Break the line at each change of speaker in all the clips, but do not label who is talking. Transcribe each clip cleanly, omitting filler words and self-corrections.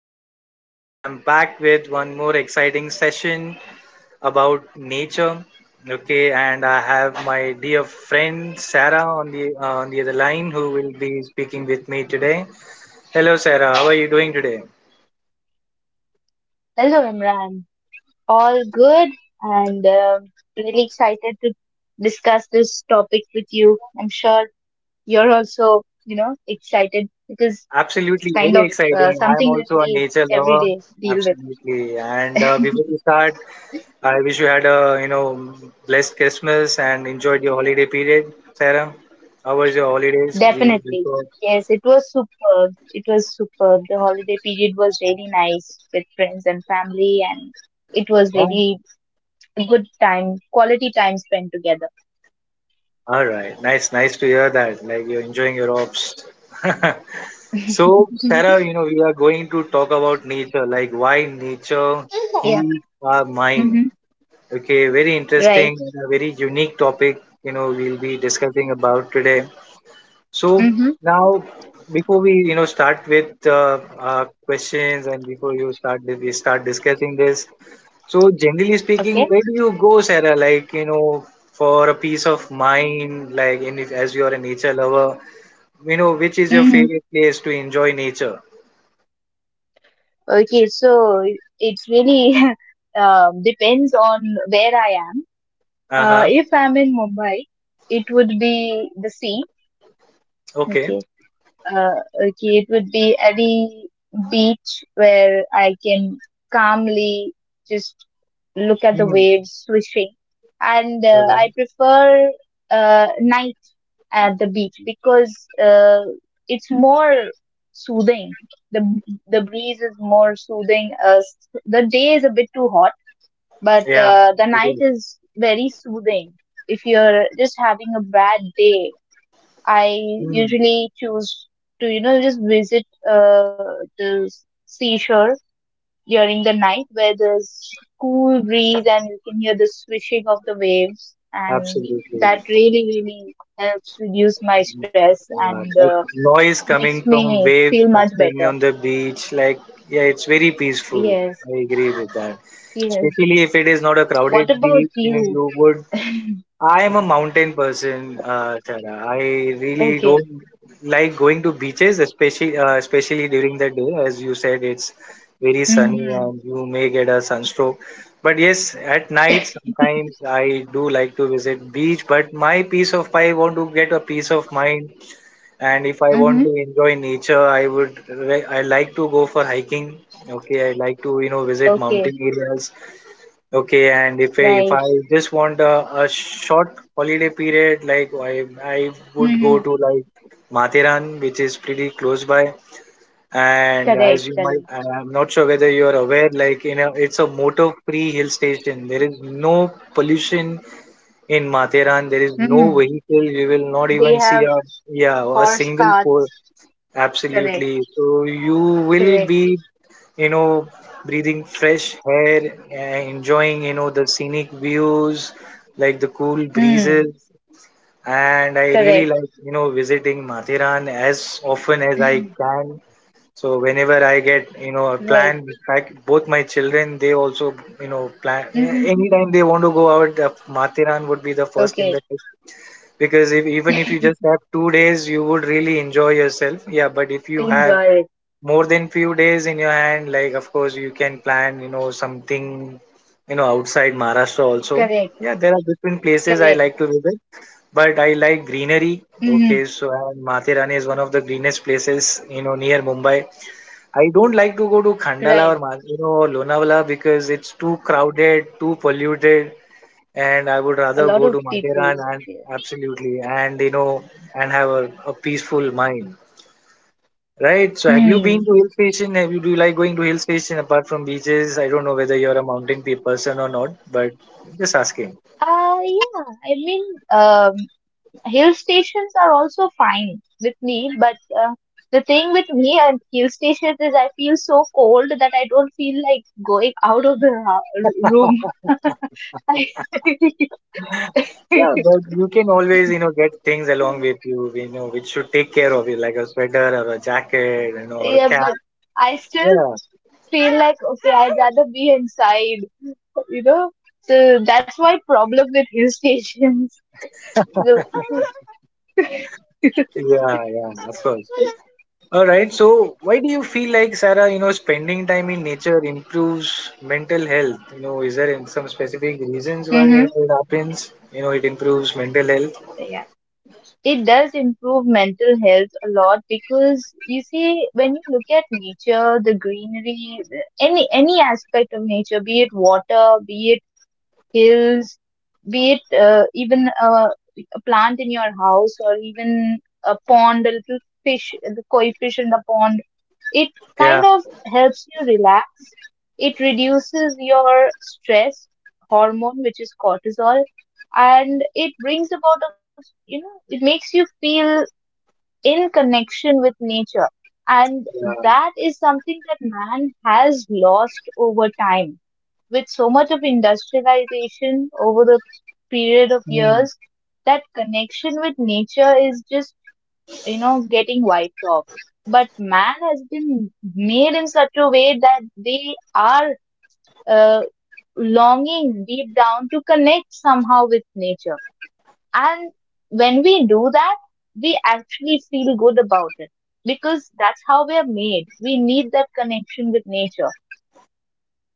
here. Guys, I'm back with one more exciting session about nature. Okay, and I have my dear friend Sarah on the other line who will be speaking with me today. Hello, Sarah. How are you doing today?
Hello, Imran. All good and really excited to discuss this topic with you. I'm sure you're also, excited. It is
Absolutely, very
kind of
exciting. I am
something
also
that
a
we
nature lover.
every day deal with.
Absolutely. And before we start, I wish you had a blessed Christmas and enjoyed your holiday period, Sarah. How was your holidays? We
Definitely. Yes, it was superb. It was superb. The holiday period was really nice with friends and family, and it was
yeah.
really a good time, quality time spent together.
All right. Nice, nice to hear that. Like you're enjoying your ops. So, Sarah, you know, we are going to talk about nature, like why nature
Yeah.
heals our mind.
hmm
Okay, very interesting
Right.
and a very unique topic, you know, we'll be discussing about today. So
hmm
now, before we start with questions and before you start we start discussing this. So generally speaking,
Okay.
where do you go, Sarah? Like you know, for a peace of mind, like in if, as you are a nature lover, you know, which is your
Mhm.
favorite place to enjoy nature?
Okay, so it really depends on where I am.
Uh huh.
If I'm in Mumbai, it would be the sea.
Okay.
Okay. Okay, it would be any beach where I can calmly just look at the
Hmm.
waves swishing. And I
Alright.
prefer night at the beach because it's more soothing. The the breeze is more soothing. The day is a bit too hot, but
Yeah.
the
It
night
is.
is very soothing. If you're just having a bad day, I
Hmm.
usually choose to, just visit the seashore during the night where there's cool breeze and you can hear the swishing of the waves, and that
Absolutely.
really, really helps reduce my stress
Yeah,
and
that noise coming
makes
from
me
waves
feel much
crashing
better.
on the beach, like, yeah, it's very peaceful.
Yes.
I agree with that.
Yes.
Especially if it is not a crowded
What about
beach, you know,
you?
you would. I am a mountain person, Tara. I really
Okay.
don't like going to beaches, especially during the day. As you said, it's very sunny
Mhm.
and you may get a sunstroke. But yes, at night sometimes I do like to visit beach. But my peace of I want to get a peace of mind, and if I want to
Mhm.
enjoy nature, I like to go for hiking. Okay, I like to, you know, visit mountain
Okay.
areas. Okay, and if i if
Right.
i just want a short holiday period, like I would go
Mhm.
to like Mathiran, which is pretty close by. And
Correct,
as you might,
correct.
I'm not sure whether you are aware, like you know, it's a motor free hill station. There is no pollution in Mathiran. There is no
Mhm.
vehicle. You will not
They
even see
have
a, yeah, a
horse
single four.
carts. Correct,
Absolutely. So you will
correct.
be, you know, breathing fresh air, enjoying, you know, the scenic views, like the cool breezes.
Hmm.
And I really
Correct.
like, you know, visiting Mathiran as often as I can. So whenever I get, you know, a
Right.
plan, in fact, both my children, they also, you know,
Mhm.
Anytime they want to go out, Mathiran would be the first in
Okay.
the list, because if even if you just have 2 days, you would really enjoy yourself. Yeah, but if you have
Enjoy it.
more than few days in your hand, like of course you can plan, you know, something, you know, outside Maharashtra also.
Correct.
Yeah, there are different places I like
Correct.
to visit, but I like greenery.
Mm,
Okay, so and Mathirani is one of the greenest places, you know, near Mumbai. I don't like to go to Khandala or
right.
Lonavala because it's too crowded, too polluted, and I would
A
rather
lot
go
of
to
people.
Mathiran, and
Yeah.
absolutely, and you know, and have a peaceful mind. Right. So have you been
Mm.
to hill station? Have you do you like going to hill station apart from beaches? I don't know whether you're a person or not, but just asking.
Yeah. I mean, um, hill stations are also fine with me, but the thing with me and hill stations is I feel so cold that I don't feel like going out of the room.
Yeah, but you can always, you know, get things along with you, you know, which should take care of you, like a sweater or a jacket, you know, or a
Yeah,
cap.
but I still
Yeah,
feel like okay, I'd rather be inside. You know, so that's my problem with hill stations. So,
yeah, of course. All right. So why do you feel like, Sarah, you know, spending time in nature improves mental health? You know, is there some specific reasons why
mm-hmm.
it happens? You know, it improves mental health.
So, yeah. It does improve mental health a lot because you see, when you look at nature, the greenery, any aspect of nature, be it water, be it hills, be it even a plant in your house or even a pond, a little fish, the koi fish in the pond, it
Yeah.
kind of helps you relax. It reduces your stress hormone, which is cortisol, and it brings about a, it makes you feel in connection with nature, and that is something that man has lost over time with so much of industrialization over the period of years.
Yeah.
That connection with nature is just, getting wiped off, but man has been made in such a way that they are uh, longing deep down to connect somehow with nature, and when we do that, we actually feel good about it because that's how we are made. We need that connection with nature.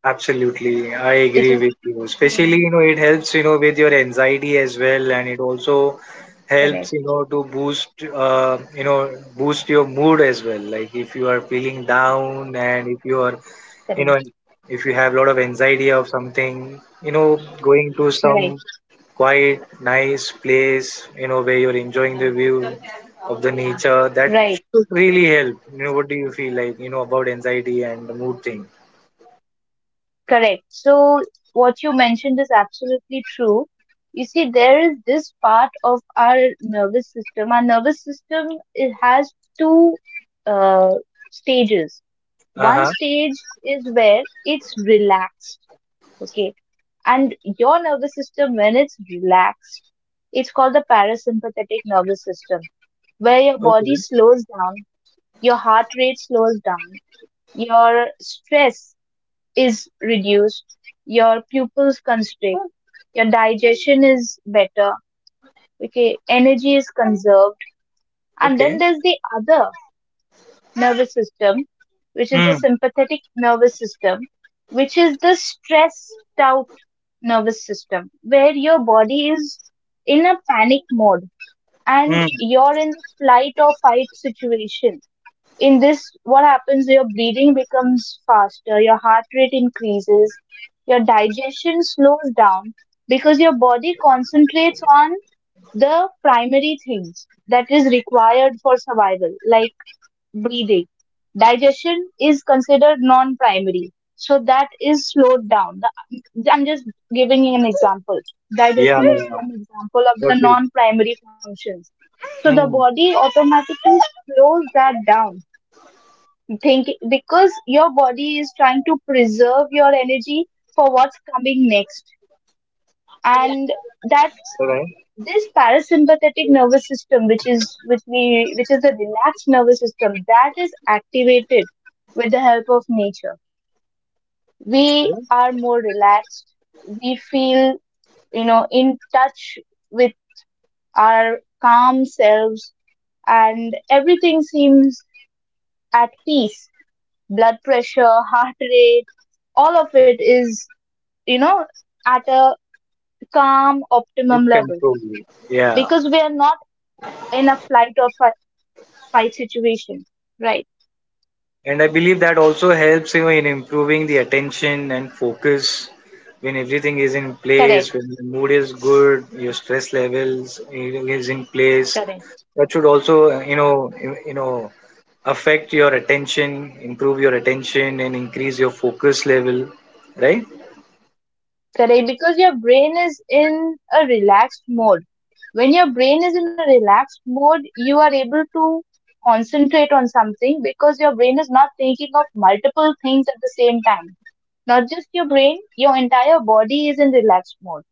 Absolutely, I
It's
agree
an,
with you.
yeah,
Especially, you know, it helps, you know, with your anxiety as well, and it also helps,
correct,
you know, boost your mood as well. Like if you are feeling down and if you are, you
correct,
know, if you have a lot of anxiety of something, you know, going to
right,
some quiet, nice place, you know, where you're enjoying the view of the nature, that
right,
should really help. You know, what do you feel like, you know, about anxiety and the mood thing?
correct. So what you mentioned is absolutely true. You see, there is this part of our nervous system. Our nervous system, it has two uh, stages.
Uh
One
huh.
stage is where it's relaxed. Okay, and your nervous system when it's relaxed, it's called the parasympathetic nervous system, where your body
Okay.
slows down, your heart rate slows down, your stress is reduced, your pupils constrict, your digestion is better, okay, energy is conserved. And then
Okay.
there's the other nervous system, which is the
Mm,
sympathetic nervous system, which is the stressed out nervous system, where your body is in a panic mode and
mm.
you're in flight or fight situation. In this, what happens? Your breathing becomes faster, your heart rate increases, your digestion slows down because your body concentrates on the primary things that is required for survival, like breathing. Digestion is considered non-primary, so that is slowed down. I'm just giving you an example.
Yeah,
Digestion is
yeah.
one example of
Got
the
it.
non-primary functions. So the
Mm.
body automatically slows that down. Think because your body is trying to preserve your energy for what's coming next, and that's
Alright.
this parasympathetic nervous system, which is, which we, which is the relaxed nervous system, that is activated with the help of nature. We
Yeah.
are more relaxed, we feel, in touch with our calm selves, and everything seems at peace. Blood pressure, heart rate, all of it is, you know at a calm
It
optimum level
controls you. Yeah.
because we are not in a fight situation. Right.
And I believe that also helps you in improving the attention and focus when everything is in place,
Correct.
when the mood is good, your stress levels is in place.
Correct.
That should also, you know, affect your attention, improve your attention, and increase your focus level, right?
Correct. Because your brain is in a relaxed mode. When your brain is in a relaxed mode, you are able to concentrate on something because your brain is not thinking of multiple things at the same time. Not just your brain, your entire body is in relaxed mode.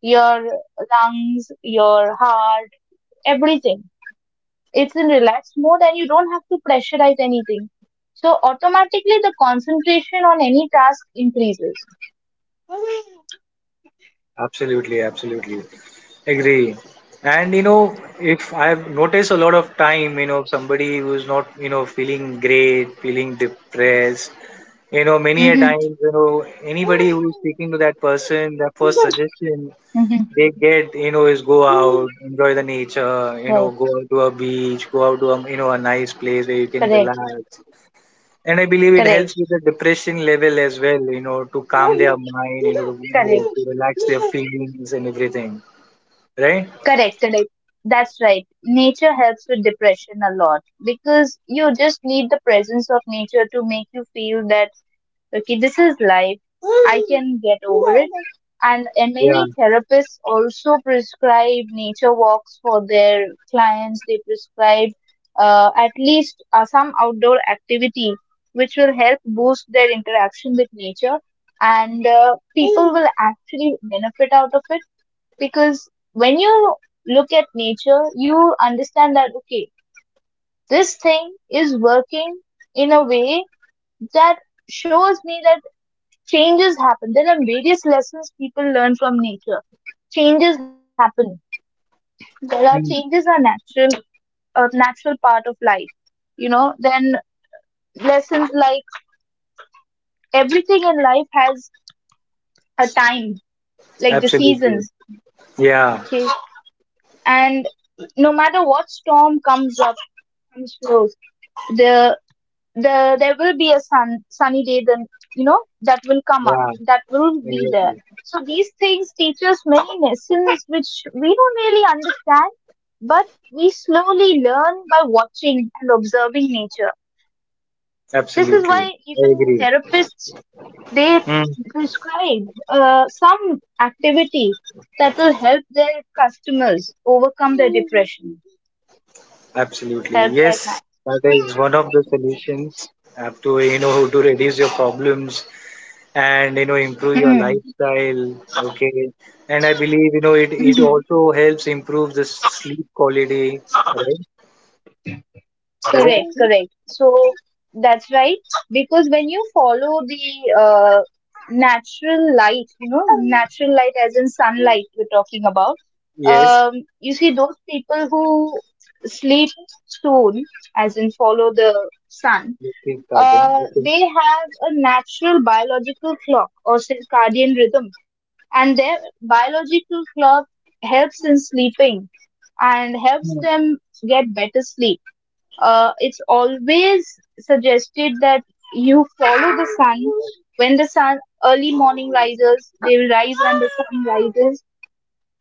Your lungs, your heart, everything, it's in relaxed mode and you don't have to pressurize anything. So automatically the concentration on any task increases.
Absolutely, absolutely. Agree. And you know, if I've noticed a lot of time, you know, somebody who's not, you know, feeling great, feeling depressed, you know, many a
Mm-hmm.
times, you know, anybody who's speaking to that person, their first suggestion
Mm-hmm.
they get, you know, is go out, enjoy the nature, you
Right.
know, go out to a beach, go out to a, you know, a nice place where you can
Correct.
relax, and I believe it
Correct.
helps with the depression level as well, you know, to calm their mind, you
Correct.
know, to relax their feelings and everything, right?
Correct. Correct. That's right. Nature helps with depression a lot because you just need the presence of nature to make you feel that okay, this is life, I can get over it. And
Yeah,
many therapists also prescribe nature walks for their clients. They prescribe at least some outdoor activity which will help boost their interaction with nature, and people will actually benefit out of it because when you look at nature you understand that okay, this thing is working in a way that shows me that changes happen. There are various lessons people learn from nature. Changes happen. There are
mm,
changes, are natural, a natural part of life. You know, then lessons like everything in life has a time, like the
absolutely.
seasons.
Yeah,
Okay, and no matter what storm comes up, comes close, the. the there will be a sunny day, then, you know, that will come up,
yeah,
that will be there.
exactly.
So these things teach us many lessons which we don't really understand, but we slowly learn by watching and observing nature. This is
Absolutely.
why
I
even
agree.
therapists, they
Mm.
prescribe some activity that will help their customers overcome their depression,
Absolutely.
help their
Yes,
clients.
that is one of the solutions have to, you know, to reduce your problems and, you know, improve your
Mm.
lifestyle. Okay. And I believe, you know, it
Mhm.
also helps improve the sleep quality, right? Does it
Correct,
happen?
correct. So that's right. Because when you follow the natural light, you know, natural light as in sunlight we're talking about,
Yes,
you see those people who sleep soon, as in follow the sun,
it is pattern.
uh,
Okay.
they have a natural biological clock or circadian rhythm. And their biological clock helps in sleeping and helps
Hmm.
them get better sleep. Uh, it's always suggested that you follow the sun. When the sun early morning rises, they will rise when the sun rises.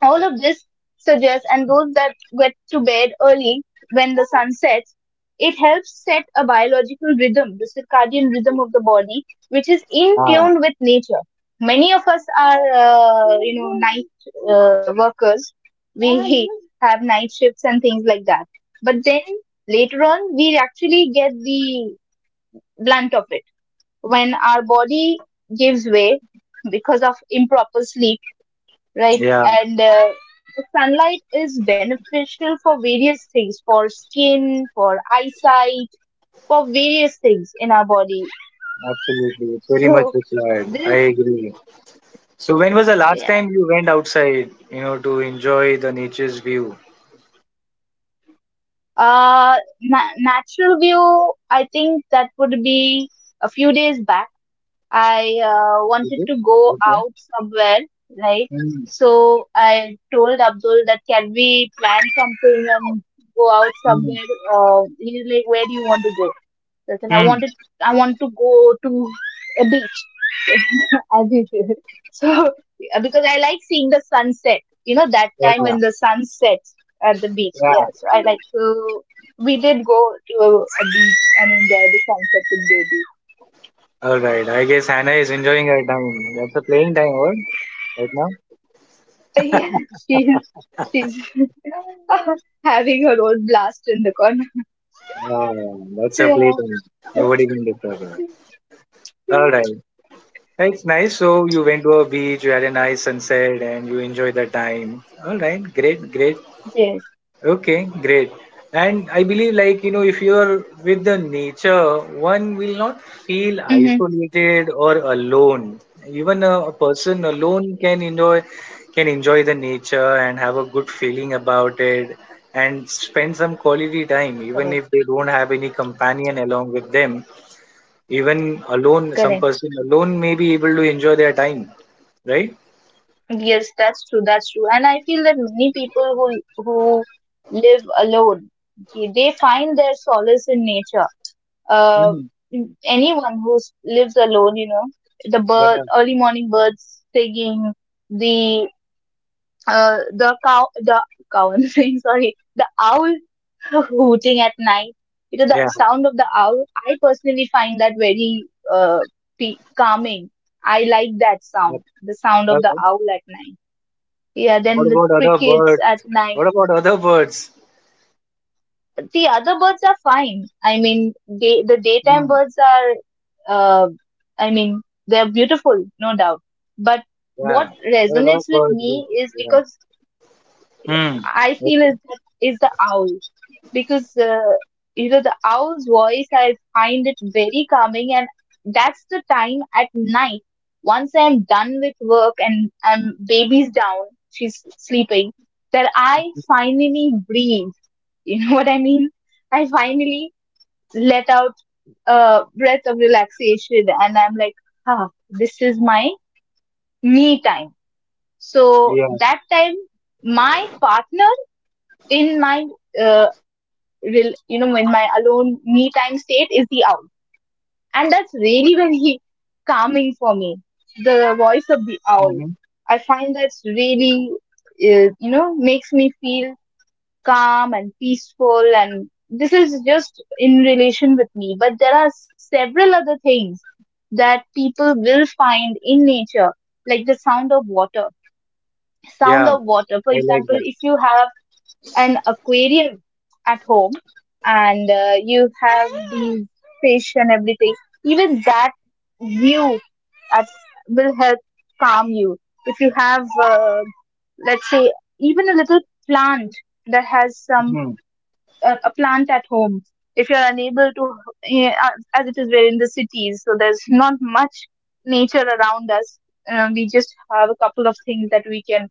All of this suggests, and those that get to bed early when the sun sets, it helps set a biological rhythm, the circadian rhythm of the body, which is in
Ah,
tune with nature. Many of us are, you know, night workers. We have night shifts and things like that. But then later on, we actually get the blunt of it when our body gives way because of improper sleep, right?
yeah,
And the sunlight is beneficial for various things, for skin, for eyesight, for various things in our body.
absolutely. It's very much
So
required. I
this,
agree. So when was the last
yeah,
time you went outside, you know, to enjoy the nature's view?
natural view. I think that would be a few days back. I
Is
wanted
it?
to go
Okay.
out somewhere, right?
Hmm.
So I told Abdul that can we plan something and go out
Hmm.
somewhere? He's like, where do you want to go? Yes, and
Mm.
I want to go to a beach, as you do. So, yeah, because I like seeing the sunset, you know, that time when
Yeah,
the sun sets at the beach.
yeah.
Yeah, so I like to. We did go to a beach and enjoy the sunset with baby.
All right. I guess Hannah is enjoying her time. That's a playing time, what? Right now?
So, yeah, she's having her own blast in the corner.
Yeah, that's a
Yeah.
playtime. Nobody can disturb her. All
Yeah.
right. It's nice. So you went to a beach, you had a nice sunset, and you enjoyed the time. All right, great, great.
Yes.
Okay, great. And I believe, like you know, if you are with the nature, one will not feel
Mm-hmm.
isolated or alone. Even a person alone can enjoy the nature and have a good feeling about it, and spend some quality time, even
Correct.
if they don't have any companion along with them, even alone, some
Correct.
person alone may be able to enjoy their time, right?
Yes, that's true. That's true. And I feel that many people who live alone, they find their solace in nature. Uh,
Mm,
Anyone who lives alone, you know, the bird,
yeah,
early morning birds singing, the the cow, I'm saying sorry, the owl hooting at night. You know,
yeah.
the sound of the owl. I personally find that very uh, calming. I like that
But,
sound, the sound of the
uh,
owl at night. Yeah,
what
then the
about other
crickets
birds?
at night.
What about other birds?
The other birds are fine. I mean, the daytime
Mm,
birds are, I mean, they're beautiful, no doubt. But
yeah.
what
What about
resonates with
birds?
me is
Yeah.
because
Mm,
I feel is that is the owl because you know, the owl's voice. I find it very calming, and that's the time at night. Once I'm done with work and I'm baby's down, she's sleeping, that I finally breathe. You know what I mean? I finally let out a breath of relaxation and I'm like, ah, this is my me time. So
yeah.
that time, my partner in my, uh, you know, in my alone me time state is the owl. And that's really very calming for me. The voice of the owl.
Hmm.
I find that's really, makes me feel calm and peaceful, and this is just in relation with me, but there are several other things that people will find in nature, like the sound of water. sound
Yeah.
of
I
water for
like
example.
that.
If you have an aquarium at home, and you have these fish and everything, even that view at, will help calm you. If you have let's say even a little plant that has some
Mm.
a plant at home, if you're unable to as it is, we're in the cities, so there's not much nature around us. We just have a couple of things that we can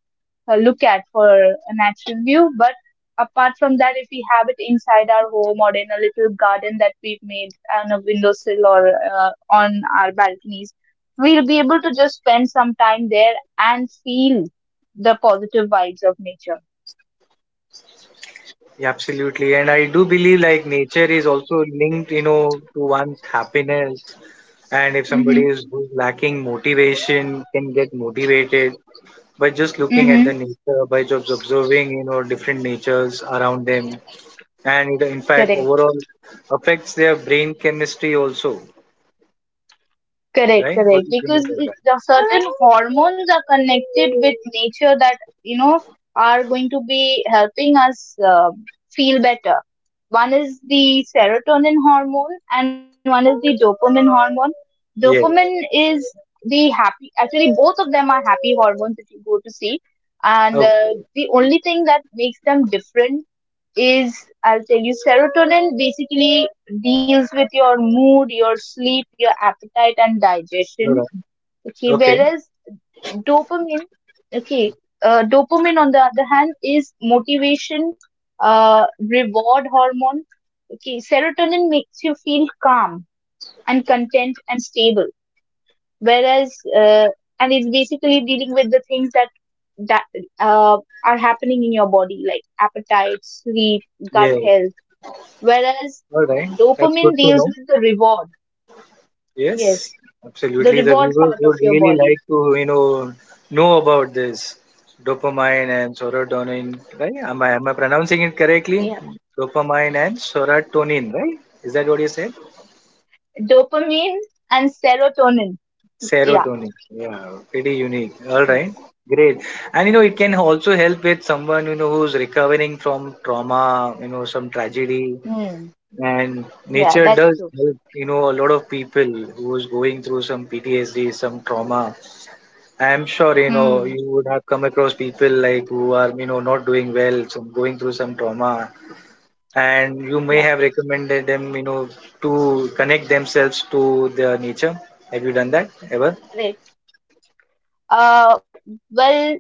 look at for a natural view. But apart from that, if we have it inside our home or in a little garden that we've made on a windowsill or on our balconies, we'll be able to just spend some time there and feel the positive vibes of nature.
Yeah, absolutely. And I do believe like nature is also linked, you know, to one's happiness. And if
Mm-hmm.
somebody is who's lacking motivation, can get motivated by just looking at
Mm-hmm.
the nature, by just observing, you know, different natures around them, and in fact,
Correct.
overall affects their brain chemistry also,
Correct,
right? What
correct.
do you think
Because
about
it,
that?
the certain hormones are connected with nature that you know are going to be helping us feel better. One is the serotonin hormone, and one is the dopamine hormone. Dopamine
Yes.
is the happy. Actually, both of them are happy hormones, if you go to see. And
Okay.
The only thing that makes them different is, I'll tell you, serotonin basically deals with your mood, your sleep, your appetite and
All
digestion.
right.
Okay,
Okay.
whereas dopamine, okay, dopamine on the other hand is motivation, reward hormone. Okay, serotonin makes you feel calm and content and stable, whereas and it's basically dealing with the things that that uh, are happening in your body like appetite, sleep, gut
Yes.
health, whereas
All right. That's good
dopamine
to
deals
know.
with the reward.
Yes.
Yes, the
Absolutely. The
reward
viewers
part of
would
your
really
body.
like to, you know about this dopamine and serotonin, right? Am I pronouncing it correctly?
Yeah,
Dopamine and serotonin, right? Is that what you said?
dopamine and serotonin. Yeah.
Serotonin. Yeah, pretty unique. All right.
Yes.
Great. And you know, it can also help with someone, you know, who's recovering from trauma, you know, some tragedy.
Hmm.
And
Yeah,
nature
that's
does
true.
help, you know, a lot of people who's going through some PTSD, some trauma. I'm sure, you know,
Hmm.
you would have come across people like who are, you know, not doing well, some going through some trauma. And you may
Yeah.
have recommended them, you know, to connect themselves to the nature. Have you done that ever?
Correct. Uh. Well,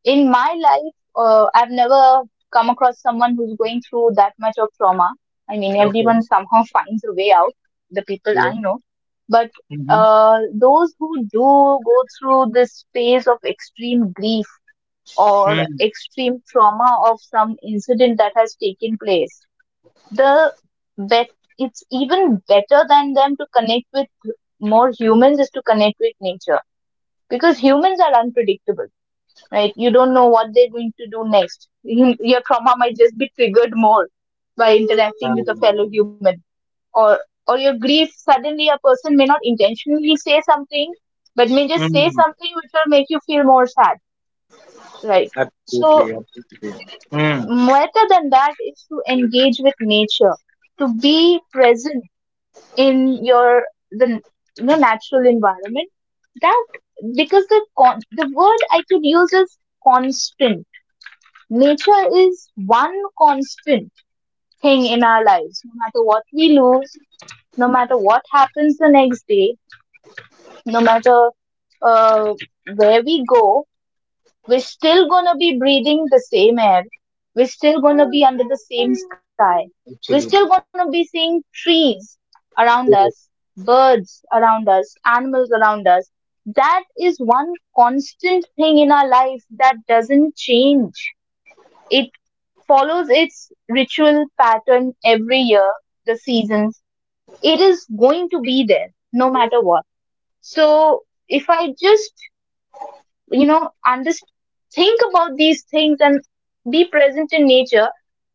in my life, I've never come across someone who's going through that much of trauma. I mean,
Okay.
everyone somehow finds a way out. The people
Yeah.
I know, but
Mhm.
those who do go through this phase of extreme grief or
Mm.
extreme trauma of some incident that has taken place, the bet it's even better than them to connect with more humans, is to connect with nature, because humans are unpredictable, right? You don't know what they're going to do next. Your trauma might just be triggered more by interacting
Um,
with a fellow human, or your grief, suddenly a person may not intentionally say something, but may just say
mm.
something which will make you feel more sad, right? So
Absolutely, absolutely. Mm.
better than that is to engage with nature, to be present in your the, the natural environment. That because the the word I could use is constant. Nature is one constant thing in our lives. No matter what we lose, no matter what happens the next day, no matter uh, where we go, we're still gonna be breathing the same air. We're still gonna be under the same sky. We're still gonna
Absolutely.
be seeing trees around us,
Yes,
birds around us, animals around us. That is one constant thing in our life that doesn't change. It follows its ritual pattern every year, the seasons. It is going to be there no matter what. So if I just you know under think about these things and be present in nature,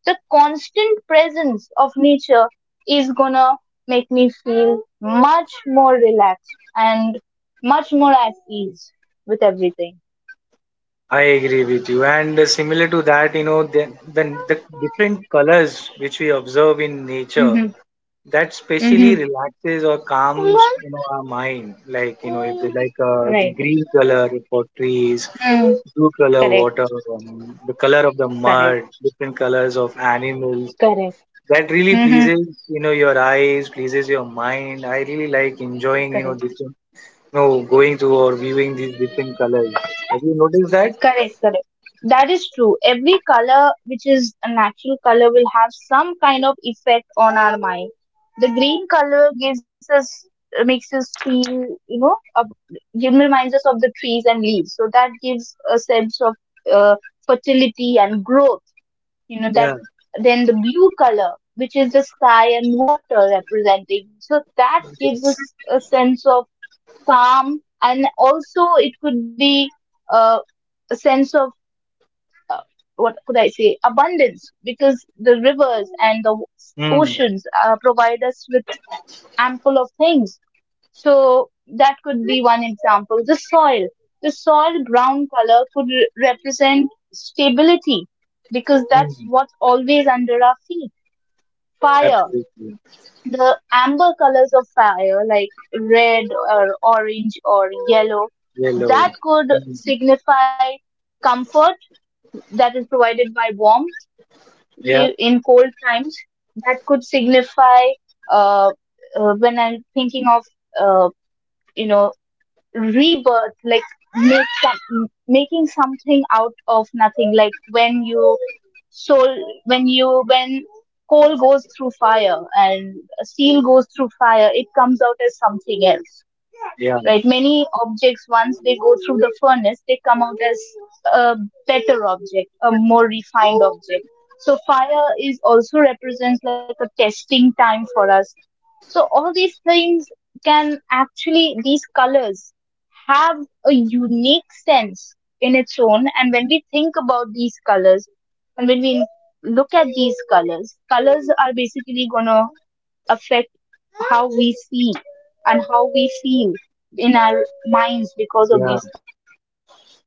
the constant presence of nature is gonna make me feel much more relaxed and much more at ease with everything.
I agree with you. And similar to that, you know, the different colors which we observe in nature
Mm-hmm.
that specially
Mm-hmm.
relaxes or calms, you know, our mind. Like you know, if they like the
Right.
green color for trees,
Mm.
blue color water,
Correct.
the color of the mud,
Correct.
different colors of animals,
Correct.
that really
Mm-hmm.
pleases, you know, your eyes, pleases your mind. I really like enjoying, you know,
Correct.
different, you know, going to or viewing these different colors. Have you noticed that?
Correct, correct. That is true. Every color, which is a natural color, will have some kind of effect on our mind. The green color gives us, makes us feel, you know, up, reminds us of the trees and leaves. So that gives a sense of uh, fertility and growth. You know that.
Yeah,
Then the blue color, which is the sky and water representing, so that gives us a sense of calm, and also it could be uh, a sense of uh, what could I say, abundance, because the rivers and the
mm,
oceans provide us with ample of things. So that could be one example. The soil brown color could represent stability, because that's
mm,
what's always under our feet. Fire,
absolutely.
the amber colors of fire, like red or orange or yellow,
Yellow.
that could
Mm,
signify comfort that is provided by warmth,
yeah.
in cold times, that could signify uh, when I'm thinking of uh, you know rebirth, like make some, making something out of nothing, like when you soul when you when coal goes through fire and steel goes through fire, it comes out as something else,
Yeah,
right? Many objects, once they go through the furnace, they come out as a better object, a more refined object. So fire is also represents like a testing time for us. So all these things can actually, these colors, have a unique sense in its own, and when we think about these colors and when we look at these colors, colors are basically going to affect how we see and how we feel in our minds because of
yeah.
these colors. So yes,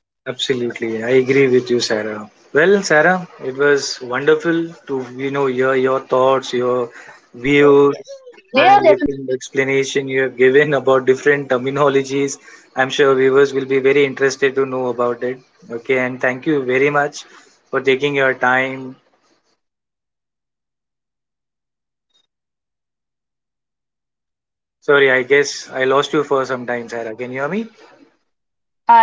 they are definitely going
Absolutely, I
to have
agree
an
with you,
effect on our
Sarah.
mind.
Well, Sarah, it was wonderful to hear your thoughts, your views, and different explanation you have given about different terminologies. I'm sure viewers will be very interested to know about it. Okay, and thank you very much for taking your time. Sorry, I guess I lost you for some time, Sarah. Can you hear me?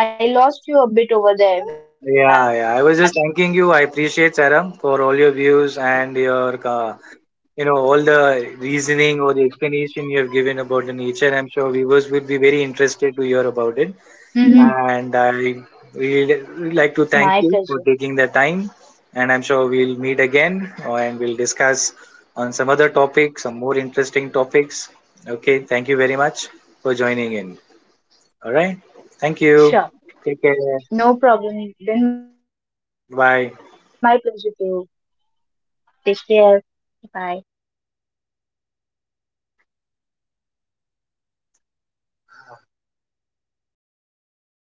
I lost you a bit over there, Imran.
Yeah, yeah. I was just thanking you. I appreciate Sarah for all your views and your you know all the reasoning or the explanation you have given about the nature. I'm sure viewers will be very interested to hear about it,
Mm-hmm.
and I really really like to thank you for taking the
My
time,
pleasure.
and I'm sure we'll meet again, and we'll discuss on some other topic, some more interesting topics. Okay, thank you very much for joining in. All right, thank you. Take care.
Sure, no problem. Been
Bye.
my pleasure too. Take care. Bye.